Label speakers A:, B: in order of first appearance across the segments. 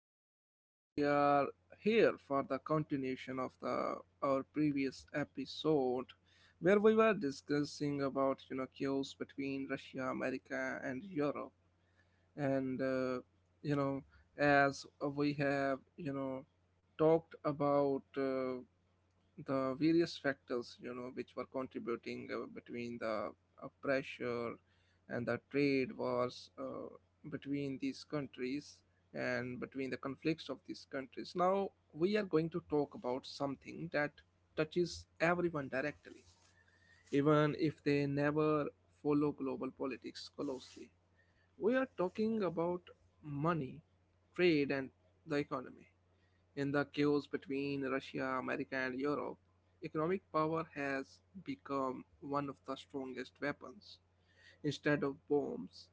A: and we are here for the continuation of the our previous episode where we were discussing about chaos between Russia, America, and Europe, and you know as we have talked about. The various factors which were contributing, between the, pressure and the trade wars, between these countries and between the conflicts of these countries. Now we are going to talk about something that touches everyone directly, even if they never follow global politics closely. We are talking about money, trade, and the economy. In the chaos between Russia, America, and Europe, economic power has become one of the strongest weapons. Instead of bombs,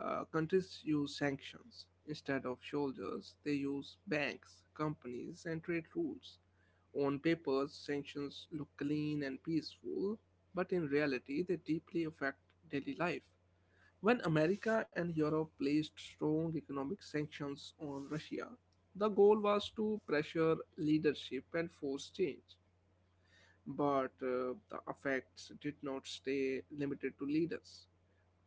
A: countries use sanctions. Instead of soldiers, they use banks, companies, and trade rules. On paper, sanctions look clean and peaceful, but in reality, they deeply affect daily life. When America and Europe placed strong economic sanctions on Russia, the goal was to pressure leadership and force change. But the effects did not stay limited to leaders.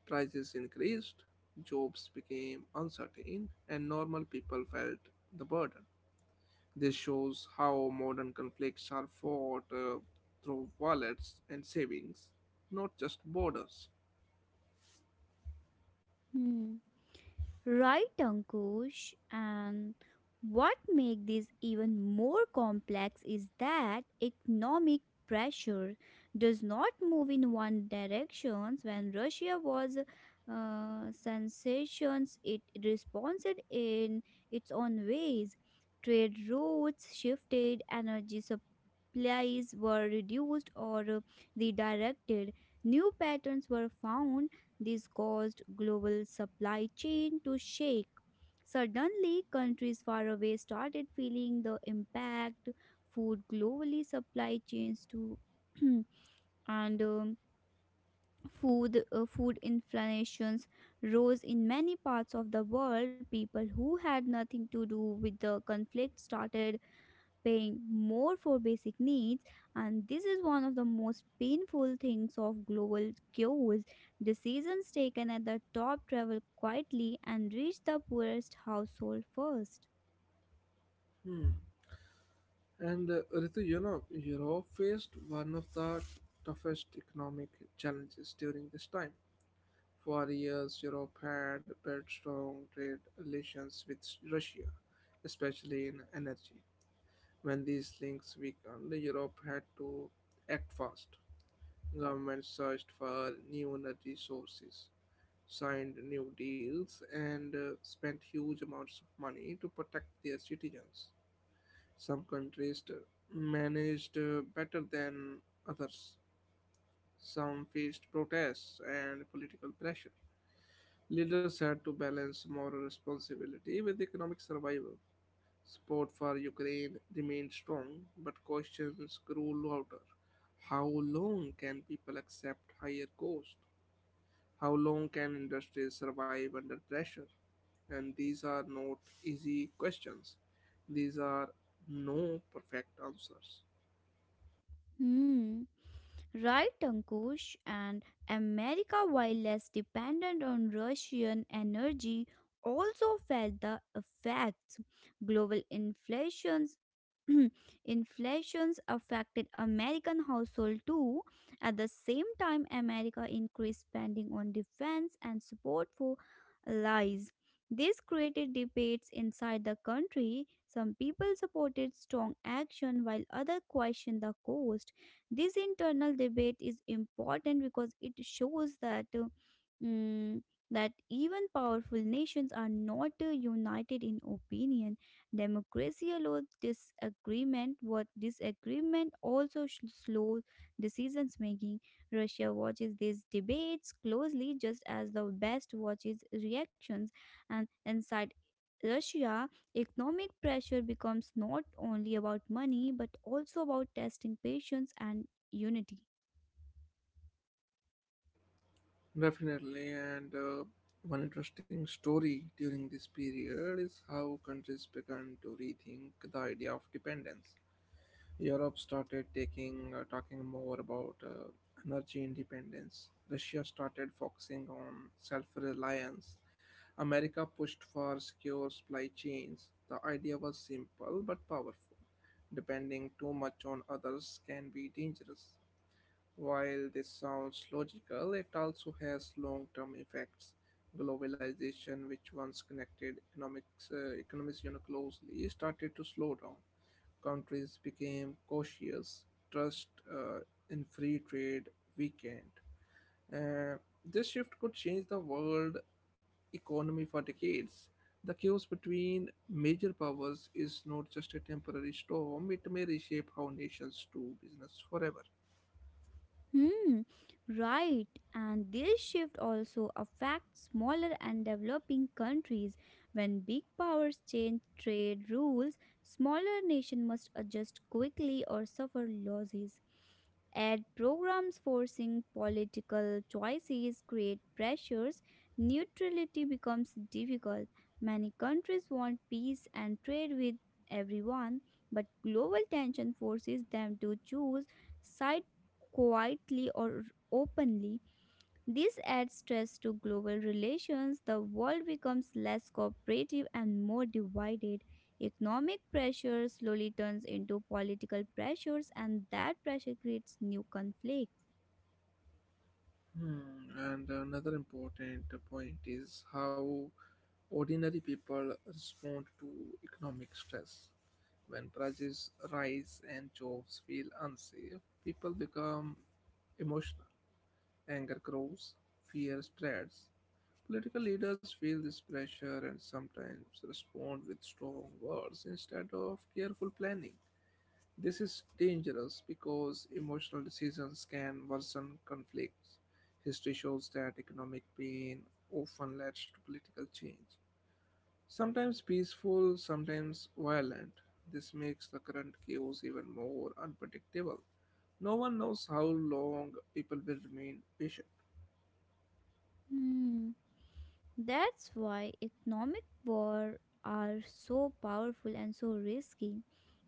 A: Prices increased, jobs became uncertain, and normal people felt the burden. This shows how modern conflicts are fought, through wallets and savings, not just borders.
B: Hmm. Right, Ankush. And what makes this even more complex is that economic pressure does not move in one direction. When Russia was sanctions, it responded in its own ways. Trade routes shifted, energy supplies were reduced or redirected. New patterns were found, this caused global supply chain to shake. Suddenly, countries far away started feeling the impact. Food globally supply chains to and food food inflations rose in many parts of the world. People who had nothing to do with the conflict started paying more for basic needs, and this is one of the most painful things of global cues. Decisions taken at the top travel quietly and reach the poorest household first.
A: And Ritu, you know, Europe faced one of the toughest economic challenges during this time. For years, Europe had built strong trade relations with Russia, especially in energy. When these links weakened, Europe had to act fast. Governments searched for new energy sources, signed new deals, and spent huge amounts of money to protect their citizens. Some countries managed better than others. Some faced protests and political pressure. Leaders had to balance moral responsibility with economic survival. Support for Ukraine remained strong, but questions grew louder. How long can people accept higher costs? How long can industries survive under pressure? And these are not easy questions. These are no perfect answers.
B: Hmm. Right, Ankush. And America, while less dependent on Russian energy, also felt the effects. Global inflation. Inflations affected American household too. At the same time, America increased spending on defense and support for allies. This created debates inside the country. Some people supported strong action while others questioned the cost. This internal debate is important because it shows that mm, that even powerful nations are not united in opinion. Democracy allows disagreement, what disagreement also slows decisions making. Russia watches these debates closely, just as the West watches reactions, and inside Russia, economic pressure becomes not only about money but also about testing patience and unity.
A: Definitely, and one interesting story during this period is how countries began to rethink the idea of dependence. Europe started taking talking more about, energy independence. Russia started focusing on self-reliance. America pushed for secure supply chains. The idea was simple but powerful. Depending too much on others can be dangerous. While this sounds logical, it also has long term effects. Globalization, which once connected economies, you know, closely, started to slow down. Countries became cautious, trust, in free trade, weakened. Uh, this shift could change the world economy for decades. The chaos between major powers is not just a temporary storm, it may reshape how nations do business forever.
B: Hmm, right. And this shift also affects smaller and developing countries. When big powers change trade rules, smaller nations must adjust quickly or suffer losses. Ad programs forcing political choices create pressures. Neutrality becomes difficult. Many countries want peace and trade with everyone, but global tension forces them to choose side quietly or openly. This adds stress to global relations. The world becomes less cooperative and more divided. Economic pressure slowly turns into political pressures, and that pressure creates new conflicts.
A: Hmm. And another important point is how ordinary people respond to economic stress. When prices rise and jobs feel unsafe, people become emotional. Anger grows, fear spreads. Political leaders feel this pressure and sometimes respond with strong words instead of careful planning. This is dangerous because emotional decisions can worsen conflicts. History shows that economic pain often leads to political change, sometimes peaceful, sometimes violent. This makes the current chaos even more unpredictable. No one knows how long people will remain patient.
B: Hmm. That's why economic war are so powerful and so risky.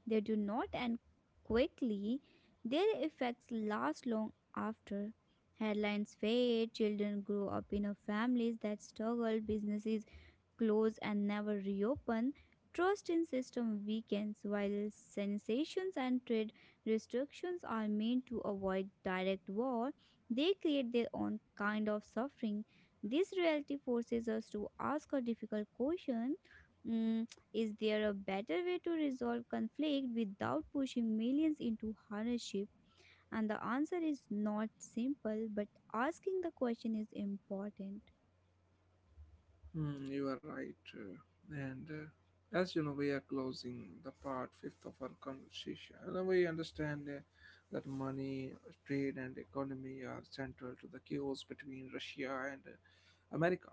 B: They do not end quickly. Their effects last long after. Headlines fade, children grow up in a families that struggle, businesses close and never reopen, trust in system weakens while sensations and trade restrictions are meant to avoid direct war, they create their own kind of suffering. This reality forces us to ask a difficult question. Mm, is there a better way to resolve conflict without pushing millions into hardship? And the answer is not simple, but asking the question is important.
A: Hmm, you are right. And As you know, we are closing the part fifth of our conversation. And we understand that money, trade, and economy are central to the chaos between Russia and, America,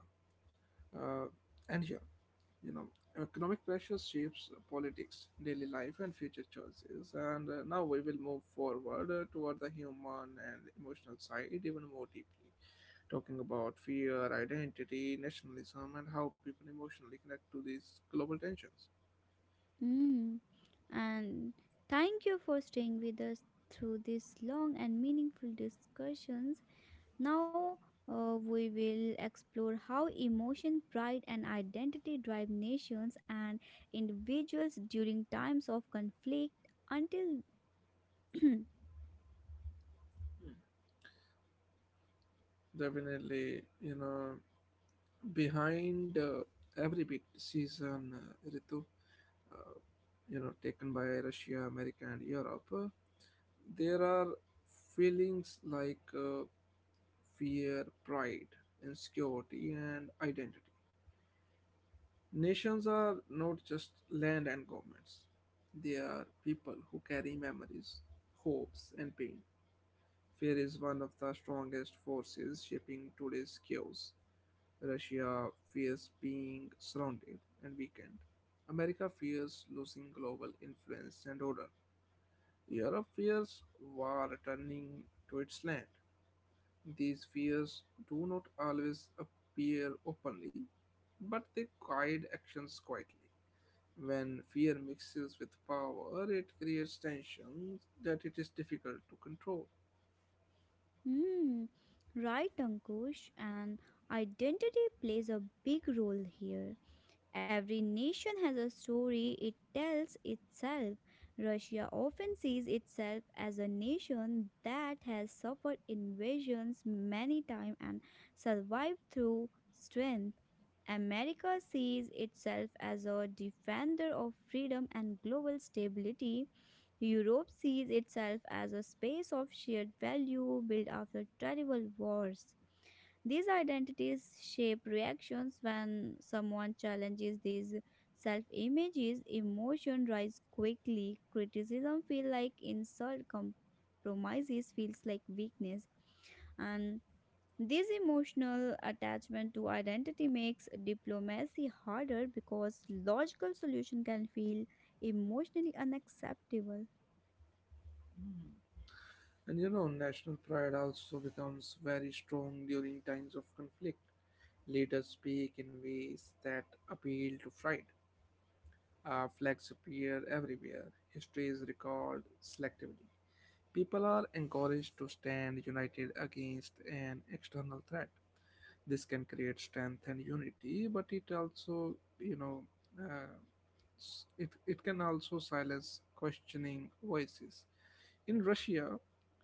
A: uh, and Europe. You know, economic pressure shapes politics, daily life, and future choices. And now we will move forward toward the human and emotional side even more deeply, talking about fear, identity, nationalism, and how people emotionally connect to these global tensions.
B: Mm. And thank you for staying with us through these long and meaningful discussions. Now, we will explore how emotion, pride, and identity drive nations and individuals during times of conflict until.
A: Definitely, you know, behind, every big decision, Ritu, uh, taken by Russia, America, and Europe, there are feelings like, fear, pride, insecurity, and identity. Nations are not just land and governments, they are people who carry memories, hopes, and pain. Fear is one of the strongest forces shaping today's chaos. Russia fears being surrounded and weakened. America fears losing global influence and order. Europe fears war returning to its land. These fears do not always appear openly, but they guide actions quietly. When fear mixes with power, it creates tensions that it is difficult to control.
B: Hmm. Right, Ankush, and identity plays a big role here. Every nation has a story it tells itself. Russia often sees itself as a nation that has suffered invasions many times and survived through strength. America sees itself as a defender of freedom and global stability. Europe sees itself as a space of shared value built after terrible wars. These identities shape reactions when someone challenges these self images. Emotion rise quickly. Criticism feels like insult. Compromises feels like weakness. And this emotional attachment to identity makes diplomacy harder because logical solution can feel emotionally unacceptable.
A: And you know, national pride also becomes very strong during times of conflict. Leaders speak in ways that appeal to pride. Our flags appear everywhere. History is recalled selectively. People are encouraged to stand united against an external threat. This can create strength and unity, but it also, you know, uh, it can also silence questioning voices. In Russia,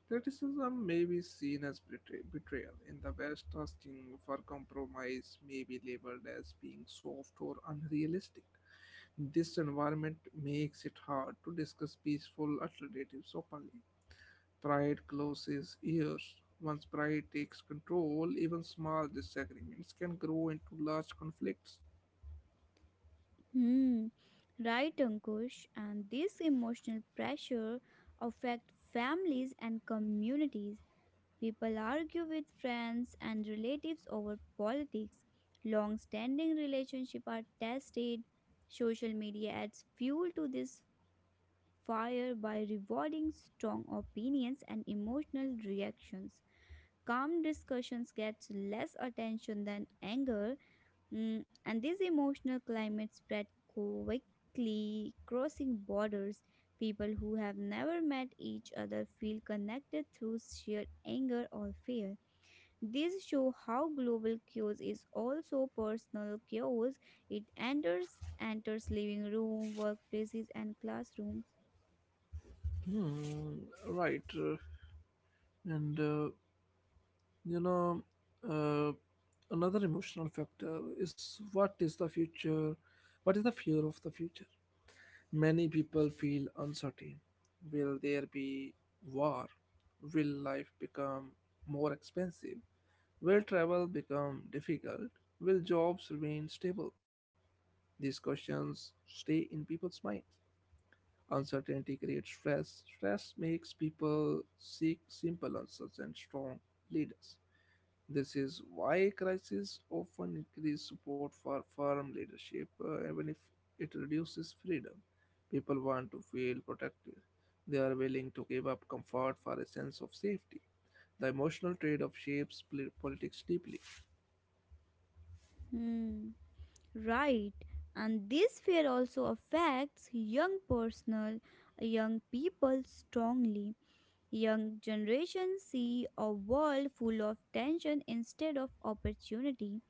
A: criticism may be seen as betrayal. In the West, asking for compromise may be labeled as being soft or unrealistic. This environment makes it hard to discuss peaceful alternatives openly. Pride closes ears. Once pride takes control, even small disagreements can grow into large conflicts.
B: Hmm, right, Ankush. And this emotional pressure affect families and communities. People argue with friends and relatives over politics. Long-standing relationships are tested. Social media adds fuel to this fire by rewarding strong opinions and emotional reactions. Calm discussions gets less attention than anger. Mm, and this emotional climate spread quickly, crossing borders. People who have never met each other feel connected through sheer anger or fear. This show how global chaos is also personal chaos. It enters living room, workplaces, and classrooms.
A: Hmm, right. And uh, you know, uh, Another emotional factor is, what is the future? What is the fear of the future? Many people feel uncertain. Will there be war? Will life become more expensive? Will travel become difficult? Will jobs remain stable? These questions stay in people's minds. Uncertainty creates stress. Stress makes people seek simple answers and strong leaders. This is why crises often increase support for firm leadership, even if it reduces freedom. People want to feel protected. They are willing to give up comfort for a sense of safety. The emotional trade off shapes politics deeply.
B: Hmm. Right. And this fear also affects young people strongly. Young generations see a world full of tension instead of opportunity.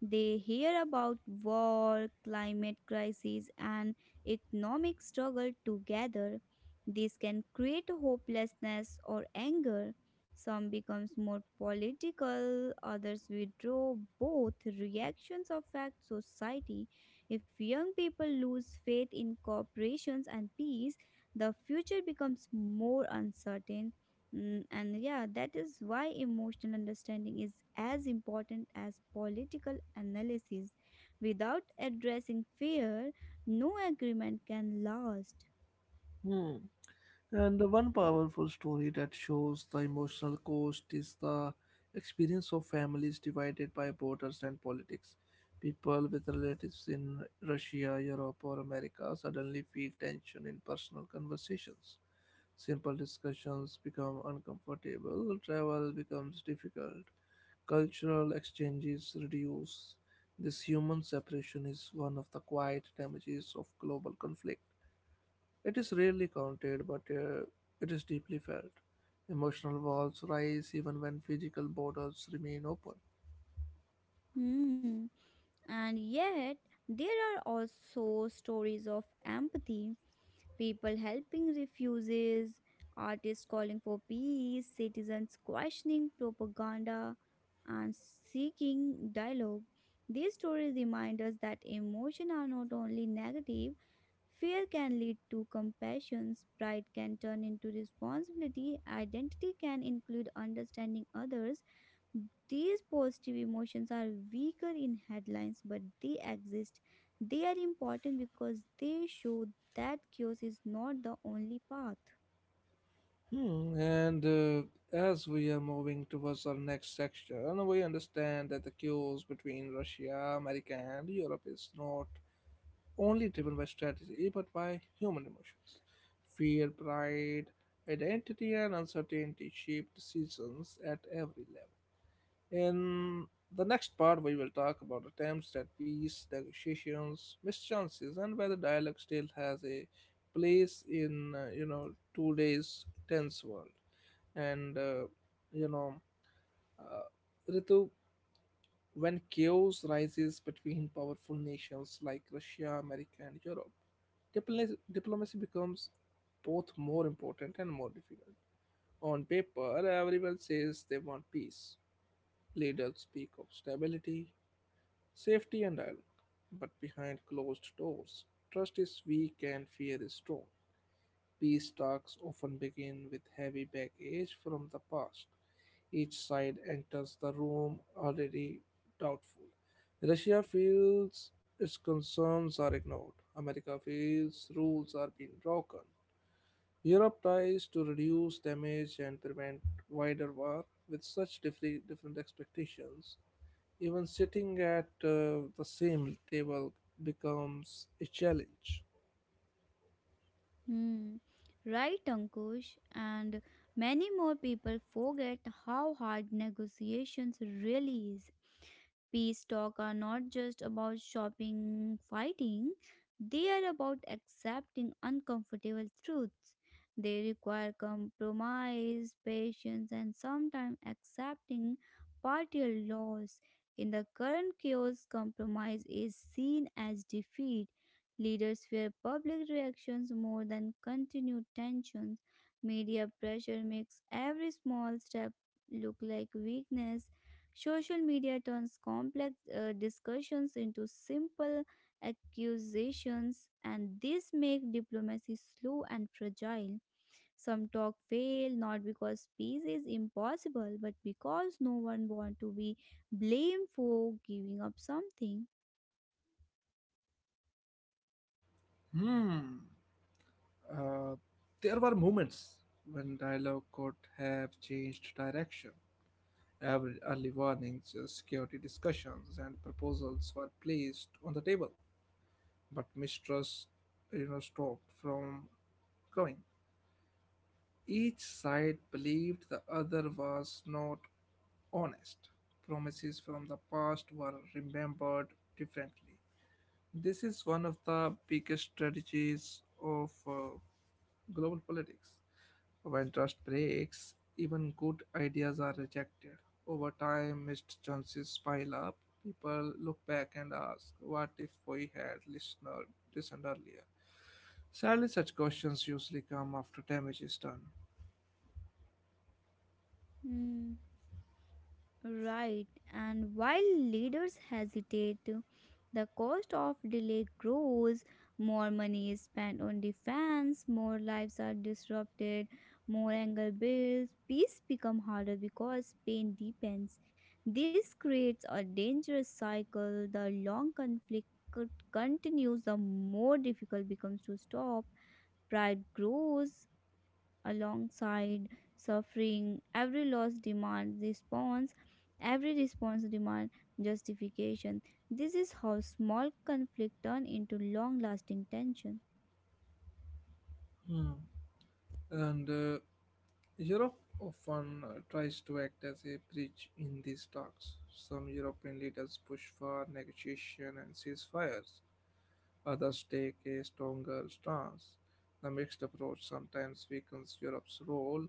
B: They hear about war, climate crisis, and economic struggle together. This can create hopelessness or anger. Some becomes more political, others withdraw. Both reactions affect society. If young people lose faith in corporations and peace, the future becomes more uncertain. Mm, and yeah, that is why emotional understanding is as important as political analysis. Without addressing fear, no agreement can last.
A: Hmm. And the one powerful story that shows the emotional cost is the experience of families divided by borders and politics. People with relatives in Russia, Europe, or America suddenly feel tension in personal conversations. Simple discussions become uncomfortable, travel becomes difficult, cultural exchanges reduce. This human separation is one of the quiet damages of global conflict. It is rarely counted, but it is deeply felt. Emotional walls rise even when physical borders remain open.
B: Hmm. And yet, there are also stories of empathy: people helping refugees, artists calling for peace, citizens questioning propaganda, and seeking dialogue. These stories remind us that emotions are not only negative. Fear can lead to compassion, pride can turn into responsibility, identity can include understanding others. These positive emotions are weaker in headlines, but they exist. They are important because they show that chaos is not the only path.
A: Hmm, and as we are moving towards our next section, we understand that the cues between Russia, America, and Europe is not only driven by strategy but by human emotions. Fear, pride, identity, and uncertainty shape decisions at every level. In the next part, we will talk about attempts at peace, negotiations, mischances, and whether dialogue still has a place in, you know, today's tense world. And you know, uh, Ritu, when chaos rises between powerful nations like Russia, America, and Europe, diplomacy becomes both more important and more difficult. On paper, everyone says they want peace. Leaders speak of stability, safety and dialogue. But behind closed doors, trust is weak and fear is strong. Peace talks often begin with heavy baggage from the past. Each side enters the room already doubtful. Russia feels its concerns are ignored. America feels rules are being broken. Europe tries to reduce damage and prevent wider war with such different, different expectations. Even sitting at, the same table, becomes a challenge.
B: Hmm. Right, Ankush, and many more people forget how hard negotiations really is. Peace talk are not just about shopping, fighting, they are about accepting uncomfortable truths. They require compromise, patience, and sometimes accepting partial loss. In the current chaos, compromise is seen as defeat. Leaders fear public reactions more than continued tensions. Media pressure makes every small step look like weakness. Social media turns complex discussions into simple accusations, and this makes diplomacy slow and fragile. Some talk fail not because peace is impossible, but because no one wants to be blamed for giving up something.
A: Hmm. Uh, there were moments when dialogue could have changed direction. Every early warnings, security discussions, and proposals were placed on the table, but mistrust, you know, stopped from growing. Each side believed the other was not honest. Promises from the past were remembered differently. This is one of the biggest strategies of, global politics. When trust breaks, even good ideas are rejected. Over time, missed chances pile up. People look back and ask, "What if we had listened earlier?" Sadly, such questions usually come after damage is done.
B: Hmm. Right, and while leaders hesitate, the cost of delay grows, more money is spent on defense, more lives are disrupted, more anger builds, peace becomes harder because pain deepens. This creates a dangerous cycle. The long conflict could continues, the more difficult becomes to stop. Pride grows alongside suffering. Every loss demands response, every response demands justification. This is how small conflict turn into long lasting tension.
A: Hmm. And uh, Europe often tries to act as a bridge in these talks. Some European leaders push for negotiation and ceasefires, others take a stronger stance. The mixed approach sometimes weakens Europe's role.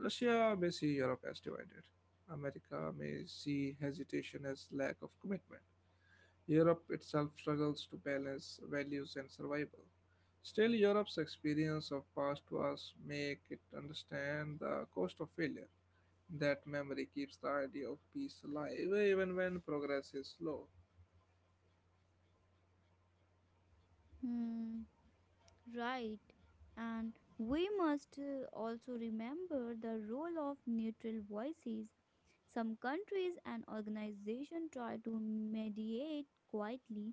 A: Russia may see Europe as divided. America may see hesitation as lack of commitment. Europe itself struggles to balance values and survival. Still, Europe's experience of past wars make it understand the cost of failure. That memory keeps the idea of peace alive even when progress is slow.
B: Hmm, right. And we must also remember the role of neutral voices. Some countries and organizations try to mediate quietly.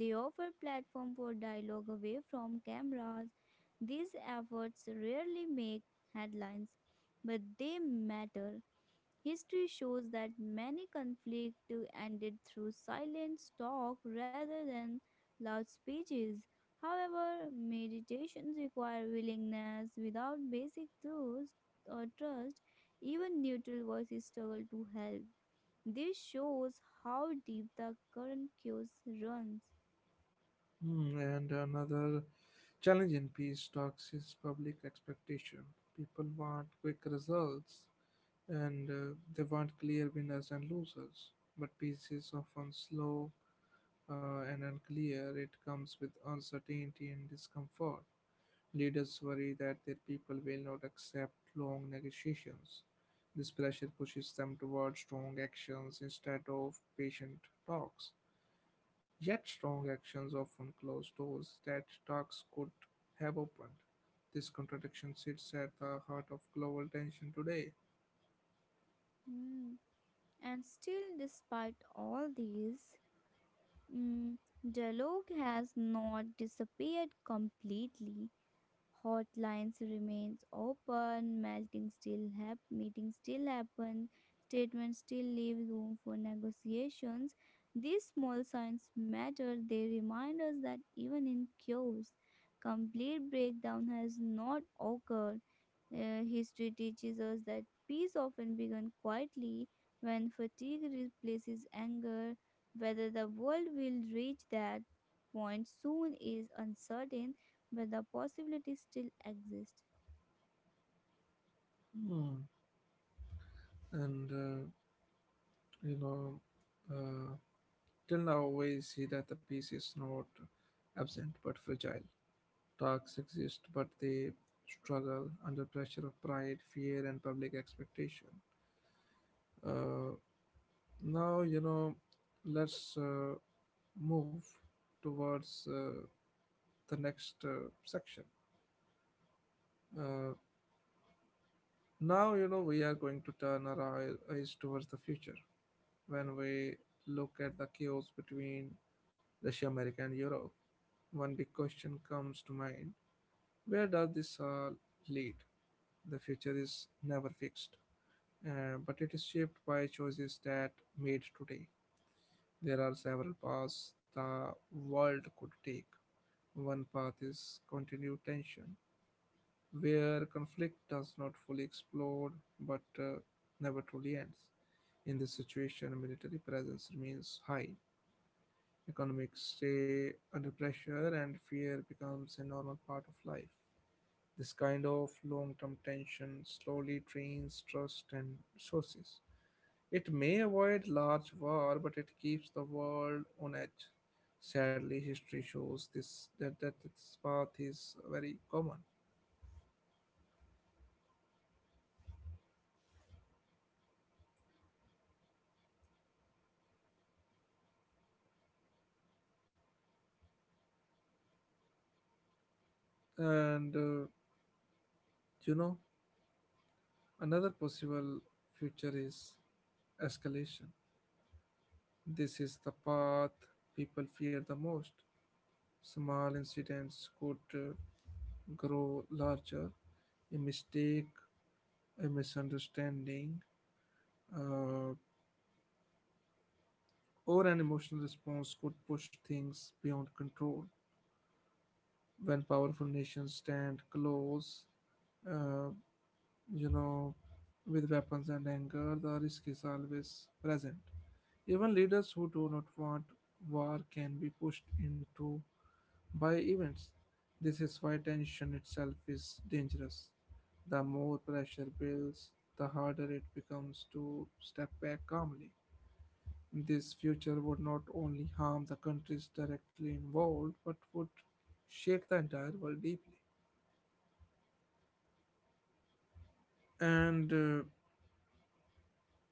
B: They offer platform for dialogue away from cameras. These efforts rarely make headlines, but they matter. History shows that many conflicts ended through silent talk rather than loud speeches. However, meditations require willingness. Without basic truths or trust, even neutral voices struggle to help. This shows how deep the current chaos runs.
A: Hmm, and another challenge in peace talks is public expectation. People want quick results, and they want clear winners and losers. But peace is often slow, and unclear. It comes with uncertainty and discomfort. Leaders worry that their people will not accept long negotiations. This pressure pushes them toward strong actions instead of patient talks. Yet strong actions often close doors that talks could have opened. This contradiction sits at the heart of global tension today.
B: Hmm. And still, despite all these, mm, dialogue has not disappeared completely. Hotlines remains open, meetings still happen, statements still leave room for negotiations. These small signs matter. They remind us that even in chaos, complete breakdown has not occurred. History teaches us that peace often begins quietly when fatigue replaces anger. Whether the world will reach that point soon is uncertain, but the possibility still exists.
A: Hmm. And you know, uh, till now we see that the peace is not absent but fragile. Talks exist, but they struggle under pressure of pride, fear, and public expectation. Uh, now you know, let's move towards. The next section. Uh, Now, you know, we are going to turn our eyes towards the future. When we look at the chaos between Russia, America, and Europe, one big question comes to mind. Where does this all lead? The future is never fixed, but it is shaped by choices that made today. There are several paths the world could take. One path is continued tension where conflict does not fully explode but never truly ends. In this situation, military presence remains high. Economics stay under pressure and fear becomes a normal part of life. This kind of long term tension slowly drains trust and resources. It may avoid large war, but it keeps the world on edge. Sadly, history shows this that this path is very common. And uh, you know, Another possible future is escalation. This is the path people fear the most. Small incidents could grow larger. A mistake, a misunderstanding, uh, or an emotional response could push things beyond control. When powerful nations stand close, uh, you know, with weapons and anger, the risk is always present. Even leaders who do not want war can be pushed into by events. This is why tension itself is dangerous. The more pressure builds, the harder it becomes to step back calmly. This future would not only harm the countries directly involved, but would shake the entire world deeply. And uh,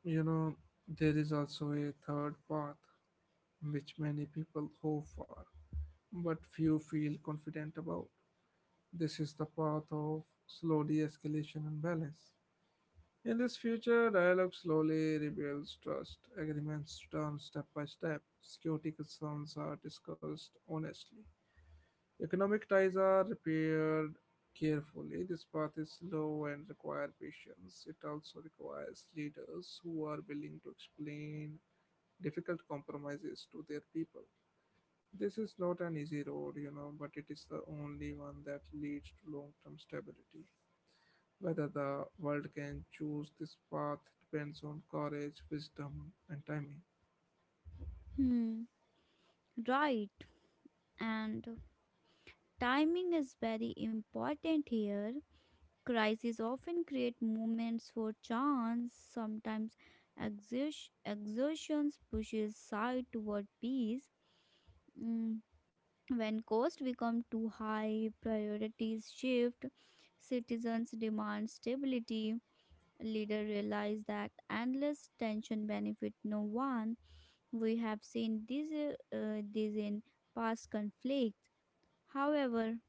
A: you know, there is also a third path which many people hope for, but few feel confident about. This is the path of slow de escalation and balance. In this future, dialogue slowly rebuilds trust, agreements turn step by step, security concerns are discussed honestly, economic ties are repaired carefully. This path is slow and requires patience. It also requires leaders who are willing to explain difficult compromises to their people. This is not an easy road, you know, but it is the only one that leads to long term stability. Whether the world can choose this path depends on courage, wisdom, and timing.
B: Hmm, right. And timing is very important here. Crises often create moments for chance. Sometimes exertions pushes side toward peace. When costs become too high, priorities shift, citizens demand stability, leaders realize that endless tension benefit no one. We have seen this in past conflicts. However,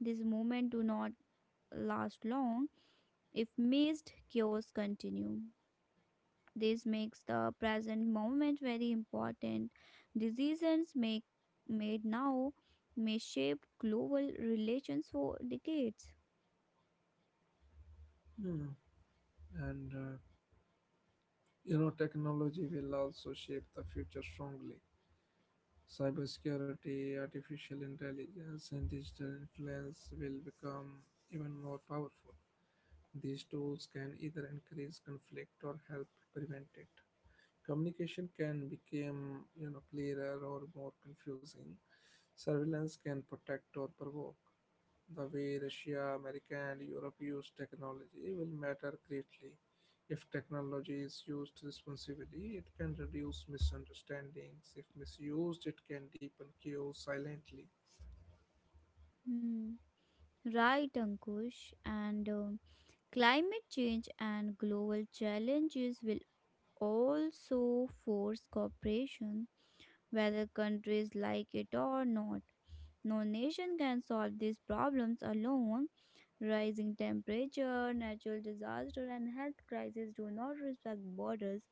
B: this movement do not last long if missed chaos continue. This makes the present moment very important. Decisions make, made now may shape global relations for decades.
A: Hmm. And technology will also shape the future strongly. Cybersecurity, artificial intelligence, and digital influence will become even more powerful. These tools can either increase conflict or help prevent it. Communication can become, clearer or more confusing. Surveillance can protect or provoke. The way Russia, America, and Europe use technology will matter greatly. If technology is used responsibly, it can reduce misunderstandings. If misused, it can deepen chaos silently.
B: Hmm. Right, Ankush. And climate change and global challenges will also force cooperation, whether countries like it or not. No nation can solve these problems alone. Rising temperature, natural disaster, and health crises do not respect borders.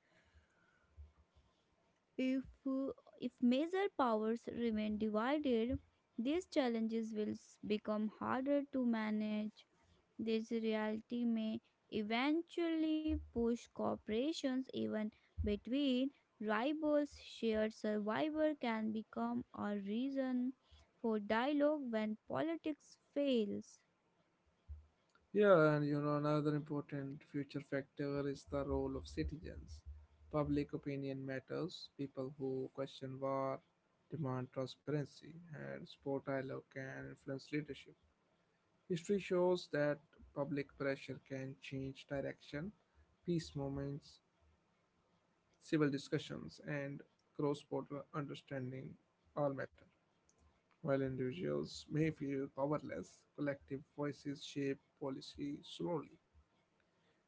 B: If, uh, if major powers remain divided, these challenges will become harder to manage. This reality may eventually push corporations even between rivals. Shared survival can become a reason for dialogue when politics fails.
A: Yeah, and another important future factor is the role of citizens. Public opinion matters. People who question war demand transparency, and support dialogue can influence leadership. History shows that public pressure can change direction. Peace movements, civil discussions, and cross border understanding all matter. While individuals may feel powerless, collective voices shape policy slowly.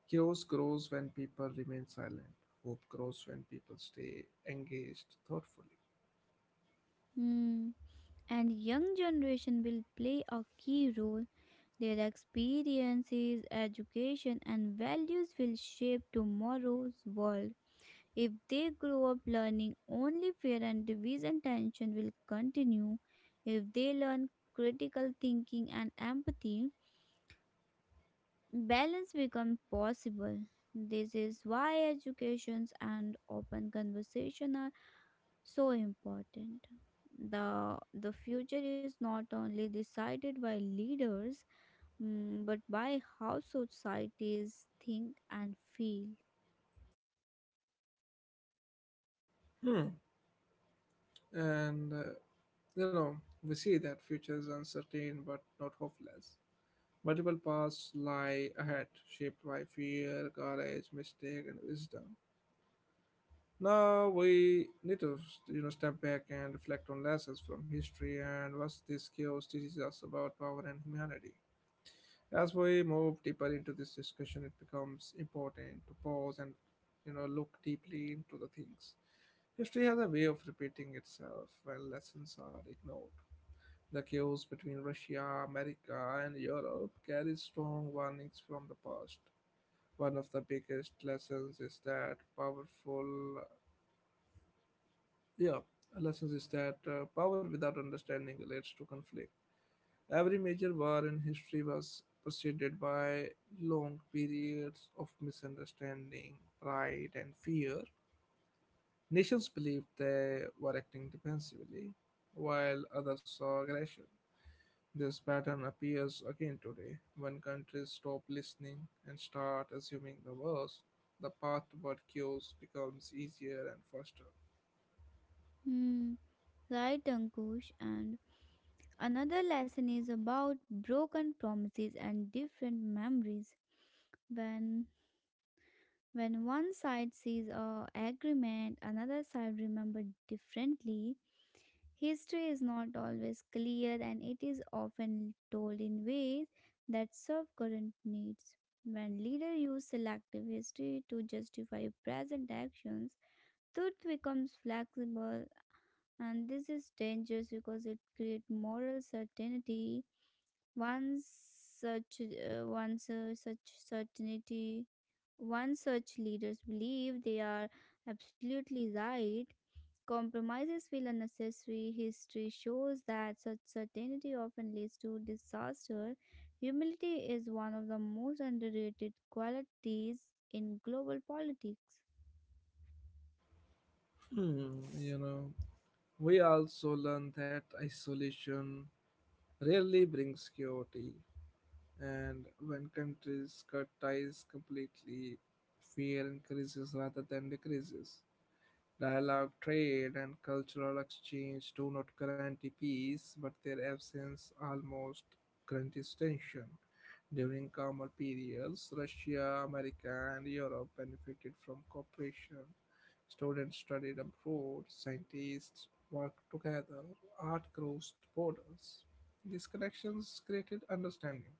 A: Chaos grows when people remain silent. Hope grows when people stay engaged thoughtfully.
B: Hmm. And young generation will play a key role. Their experiences, education and values will shape tomorrow's world. If they grow up learning only fear and division, tension will continue. If they learn critical thinking and empathy, balance become possible. This is why educations and open conversation are so important. The future is not only decided by leaders, mm, but by how societies think and feel.
A: Hmm. And, uh, you know, we see that future is uncertain but not hopeless. Multiple paths lie ahead, shaped by fear, courage, mistake, and wisdom. Now we need to, step back and reflect on lessons from history and what this chaos teaches us about power and humanity. As we move deeper into this discussion, it becomes
B: Hmm.
A: important to pause and look deeply into the things. History has a way of repeating itself when lessons are ignored. The chaos between Russia, America, and Europe carries strong warnings from the past. One of the biggest lessons is that powerful, yeah, lessons is that power without understanding leads to conflict. Every major war in history was preceded by long periods of misunderstanding, pride, and fear. Nations believed they were acting defensively, while others saw aggression. This pattern appears again today when countries stop listening and start assuming the worst. The path toward chaos becomes easier and faster.
B: Hmm. Right, Ankush, and another lesson is about broken promises and different memories. When When one side sees a agreement, another side remember differently. History is not always clear and it is often told in ways that serve current needs. When leaders use selective history to justify present actions, truth becomes flexible, and this is dangerous because it creates moral certainty. One such one su- such certainty, One such leaders believe they are absolutely right. Compromises feel unnecessary. History shows that such certainty often leads to disaster. Humility is one of the most underrated qualities in global politics.
A: Hmm, we also learn that isolation rarely brings security. And when countries cut ties completely, fear increases rather than decreases. Dialogue, trade, and cultural exchange do not guarantee peace, but their absence almost guarantees tension. During calmer periods, Russia, America, and Europe benefited from cooperation. Students studied abroad, scientists worked together, art crossed borders. These connections created understanding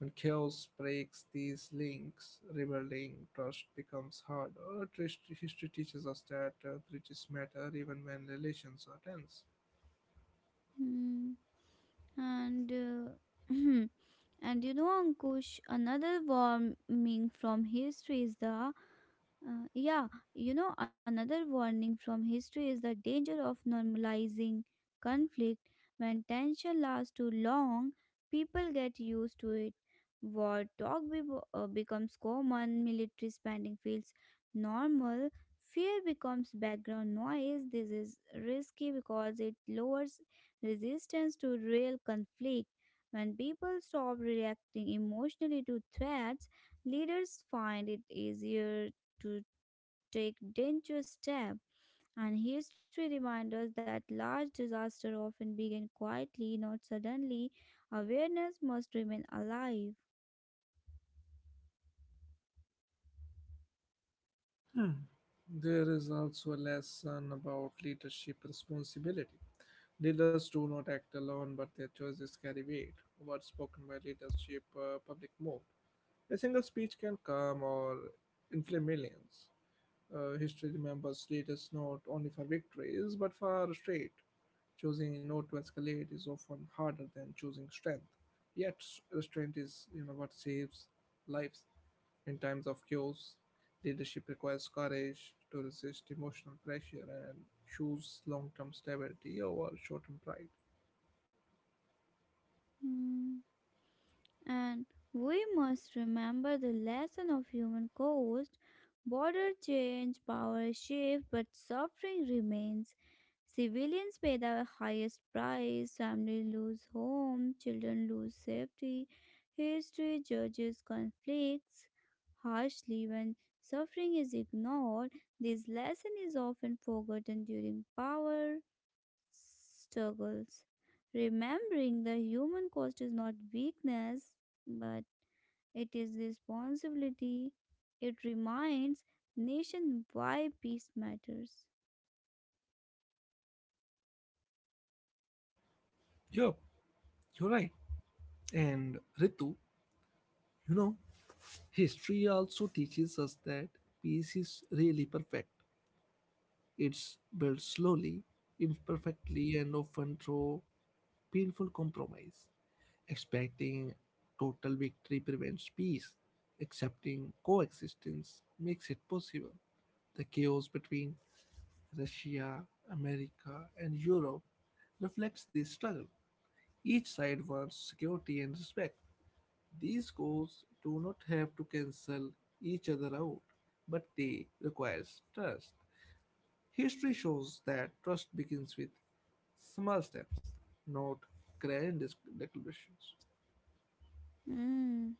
A: when chaos breaks these links, rebuilding trust becomes hard. History teaches us that bridges matter even when relations are tense.
B: Hmm. And and you know, Ankush, another warning from history is the yeah, you know, another warning from history is the danger of normalizing conflict. When tension lasts too long, people get used to it. War talk be becomes common, military spending feels normal, fear becomes background noise. This is risky because it lowers resistance to real conflict. When people stop reacting emotionally to threats, leaders find it easier to take dangerous steps. And history reminds us that large disasters often begin quietly, not suddenly. Awareness must remain alive.
A: Hmm. There is also a lesson about leadership responsibility. Leaders do not act alone, but their choices carry weight. Words spoken by leadership, public mode. A single speech can calm or inflame millions. History remembers leaders not only for victories, but for restraint. Choosing not to escalate is often harder than choosing strength. Restraint is, what saves lives in times of chaos. Leadership requires courage to resist emotional pressure and choose long-term stability over short-term pride.
B: Hmm. And we must remember the lesson of human cost. Border change, power shift, but suffering remains. Civilians pay the highest price, families lose home, children lose safety. History judges conflicts harshly when suffering is ignored. This lesson is often forgotten during power struggles. Remembering the human cost is not weakness, but it is responsibility. It reminds nation why peace matters.
A: Yeah, you're right. And Ritu, you know, history also teaches us that peace is really perfect. It's built slowly, imperfectly, and often through painful compromise. Expecting total victory prevents peace. Accepting coexistence makes it possible. The chaos between Russia, America, and Europe reflects this struggle. Each side wants security and respect. These goals do not have to cancel each other out, but they require trust. History shows that trust begins with small steps, not declarations.
B: Mm.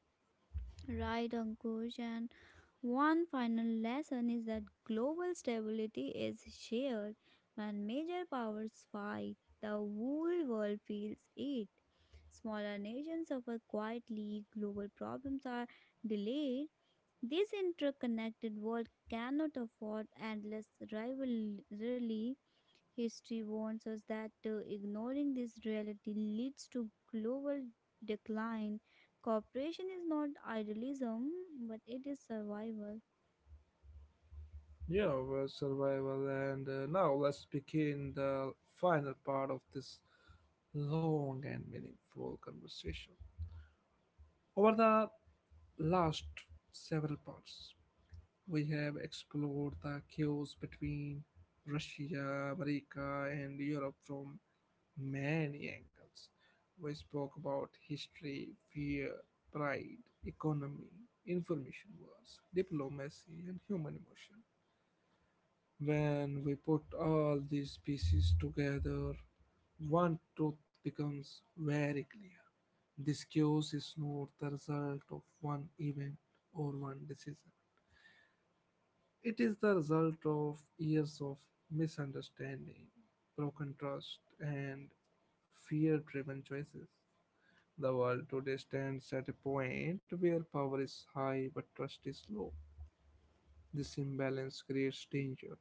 B: Right, Ankush. And one final lesson is that global stability is shared. When major powers fight, the whole world feels it. Smaller nations suffer quietly, global problems are delayed. This interconnected world cannot afford endless rivalry. History warns us that ignoring this reality leads to global decline. Cooperation is not idealism, but it is survival.
A: Yeah, well, survival, and now let's begin the final part of this long and meaningful conversation. Over the last several parts, we have explored the chaos between Russia, America, and Europe from many angles. We spoke about history, fear, pride, economy, information wars, diplomacy, and human emotion. When we put all these pieces together, one truth becomes very clear. This chaos is not the result of one event or one decision. It is the result of years of misunderstanding, broken trust, and fear driven choices. The world today stands at a point where power is high but trust is low. This imbalance creates danger.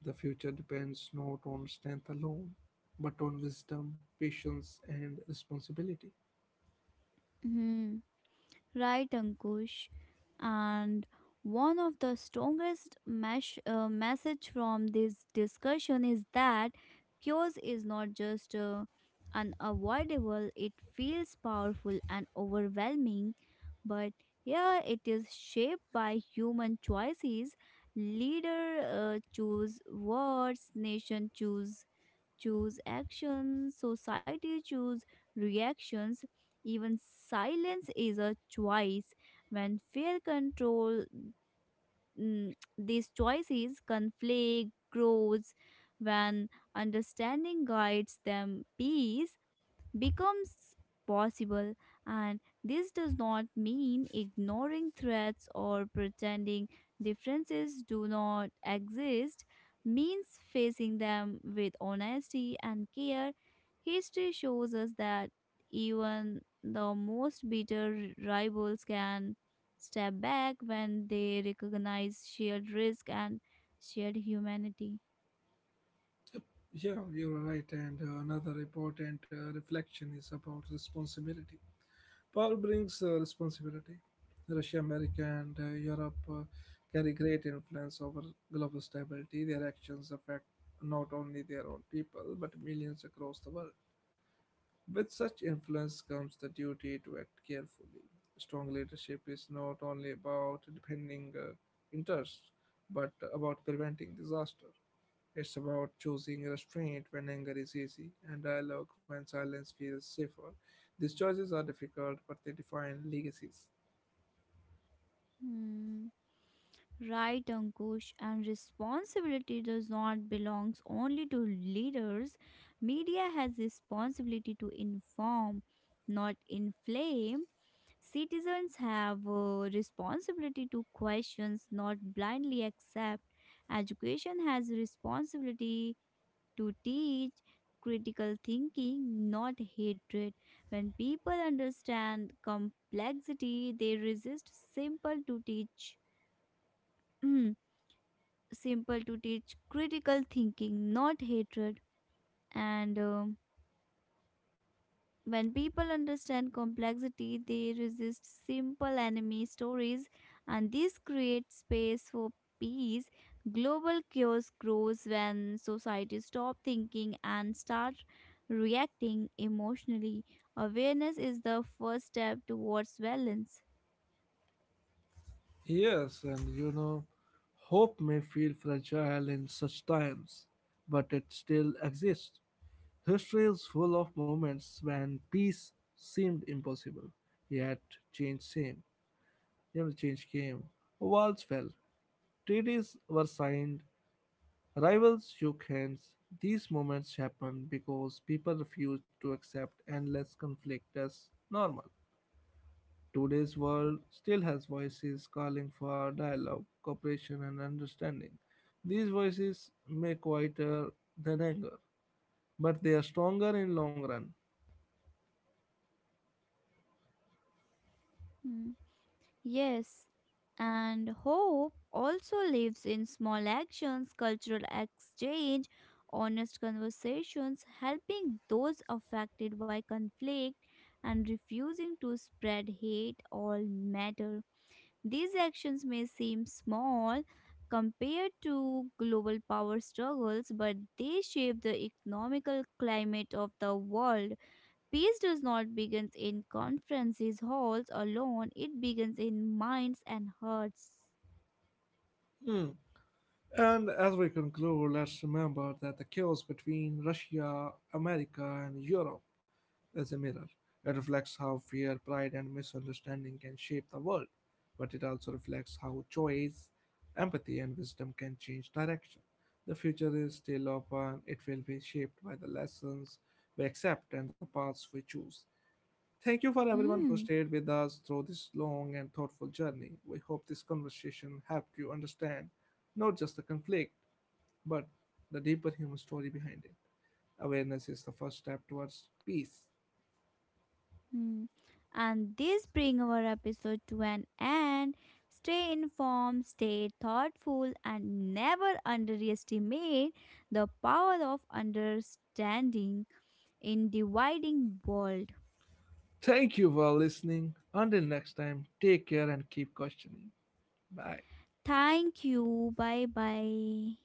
A: The future depends not on strength alone, but on wisdom, patience, and responsibility.
B: Hmm. Right, Ankush. And one of the strongest message from this discussion is that chaos is not just unavoidable; it feels powerful and overwhelming. But here it is shaped by human choices. Leader choose words, nation choose actions, society choose reactions. Even silence is a choice. When fear control, mm, these choices, conflict grows. When understanding guides them, peace becomes possible, and this does not mean ignoring threats or pretending differences do not exist, means facing them with honesty and care. History shows us that even the most bitter rivals can step back when they recognize shared risk and shared humanity.
A: Yeah, you're right. And another important reflection is about responsibility. Power brings responsibility. Russia, America, and Europe carry great influence over global stability. Their actions affect not only their own people but millions across the world. With such influence comes the duty to act carefully. Strong leadership is not only about defending interests but about preventing disaster. It's about choosing restraint when anger is easy and dialogue when silence feels safer. These choices are difficult, but they define legacies.
B: Hmm. Right, Ankush, and responsibility does not belongs only to leaders. Media has responsibility to inform, not inflame. Citizens have responsibility to questions, not blindly accept. Education has responsibility to teach critical thinking, not hatred. When people understand complexity, they resist simple to teach. simple to teach critical thinking, not hatred. And when people understand complexity, they resist simple enemy stories, and this creates space for peace. Global chaos grows when societies stop thinking and start reacting emotionally. Awareness is the first step towards balance.
A: Yes, and hope may feel fragile in such times, but it still exists. History is full of moments when peace seemed impossible, yet change came. You know, change came. Walls fell, treaties were signed, rivals shook hands. These moments happen because people refuse to accept endless conflict as normal. Today's world still has voices calling for dialogue, cooperation, and understanding. These voices may quieter than anger, but they are stronger in long run.
B: Hmm. Yes. And hope also lives in small actions: cultural exchange, honest conversations, helping those affected by conflict, and refusing to spread hate all matter. These actions may seem small compared to global power struggles, but they shape the economical climate of the world. Peace does not begin in conferences halls alone, it begins in minds and hearts.
A: Hmm. And as we conclude, let's remember that the chaos between Russia, America, and Europe is a mirror. It reflects how fear, pride, and misunderstanding can shape the world, but it also reflects how choice, empathy, and wisdom can change direction. The future is still open, it will be shaped by the lessons we accept and the paths we choose. Thank you for everyone who
B: Mm.
A: stayed with us through this long and thoughtful journey. We hope this conversation helped you understand not just the conflict, but the deeper human story behind it. Awareness is the first step towards peace.
B: Hmm. And this brings our episode to an end. Stay informed, stay thoughtful, and never underestimate the power of understanding in dividing world.
A: Thank you for listening. Until next time, take care and keep questioning. Bye.
B: Thank you. Bye bye.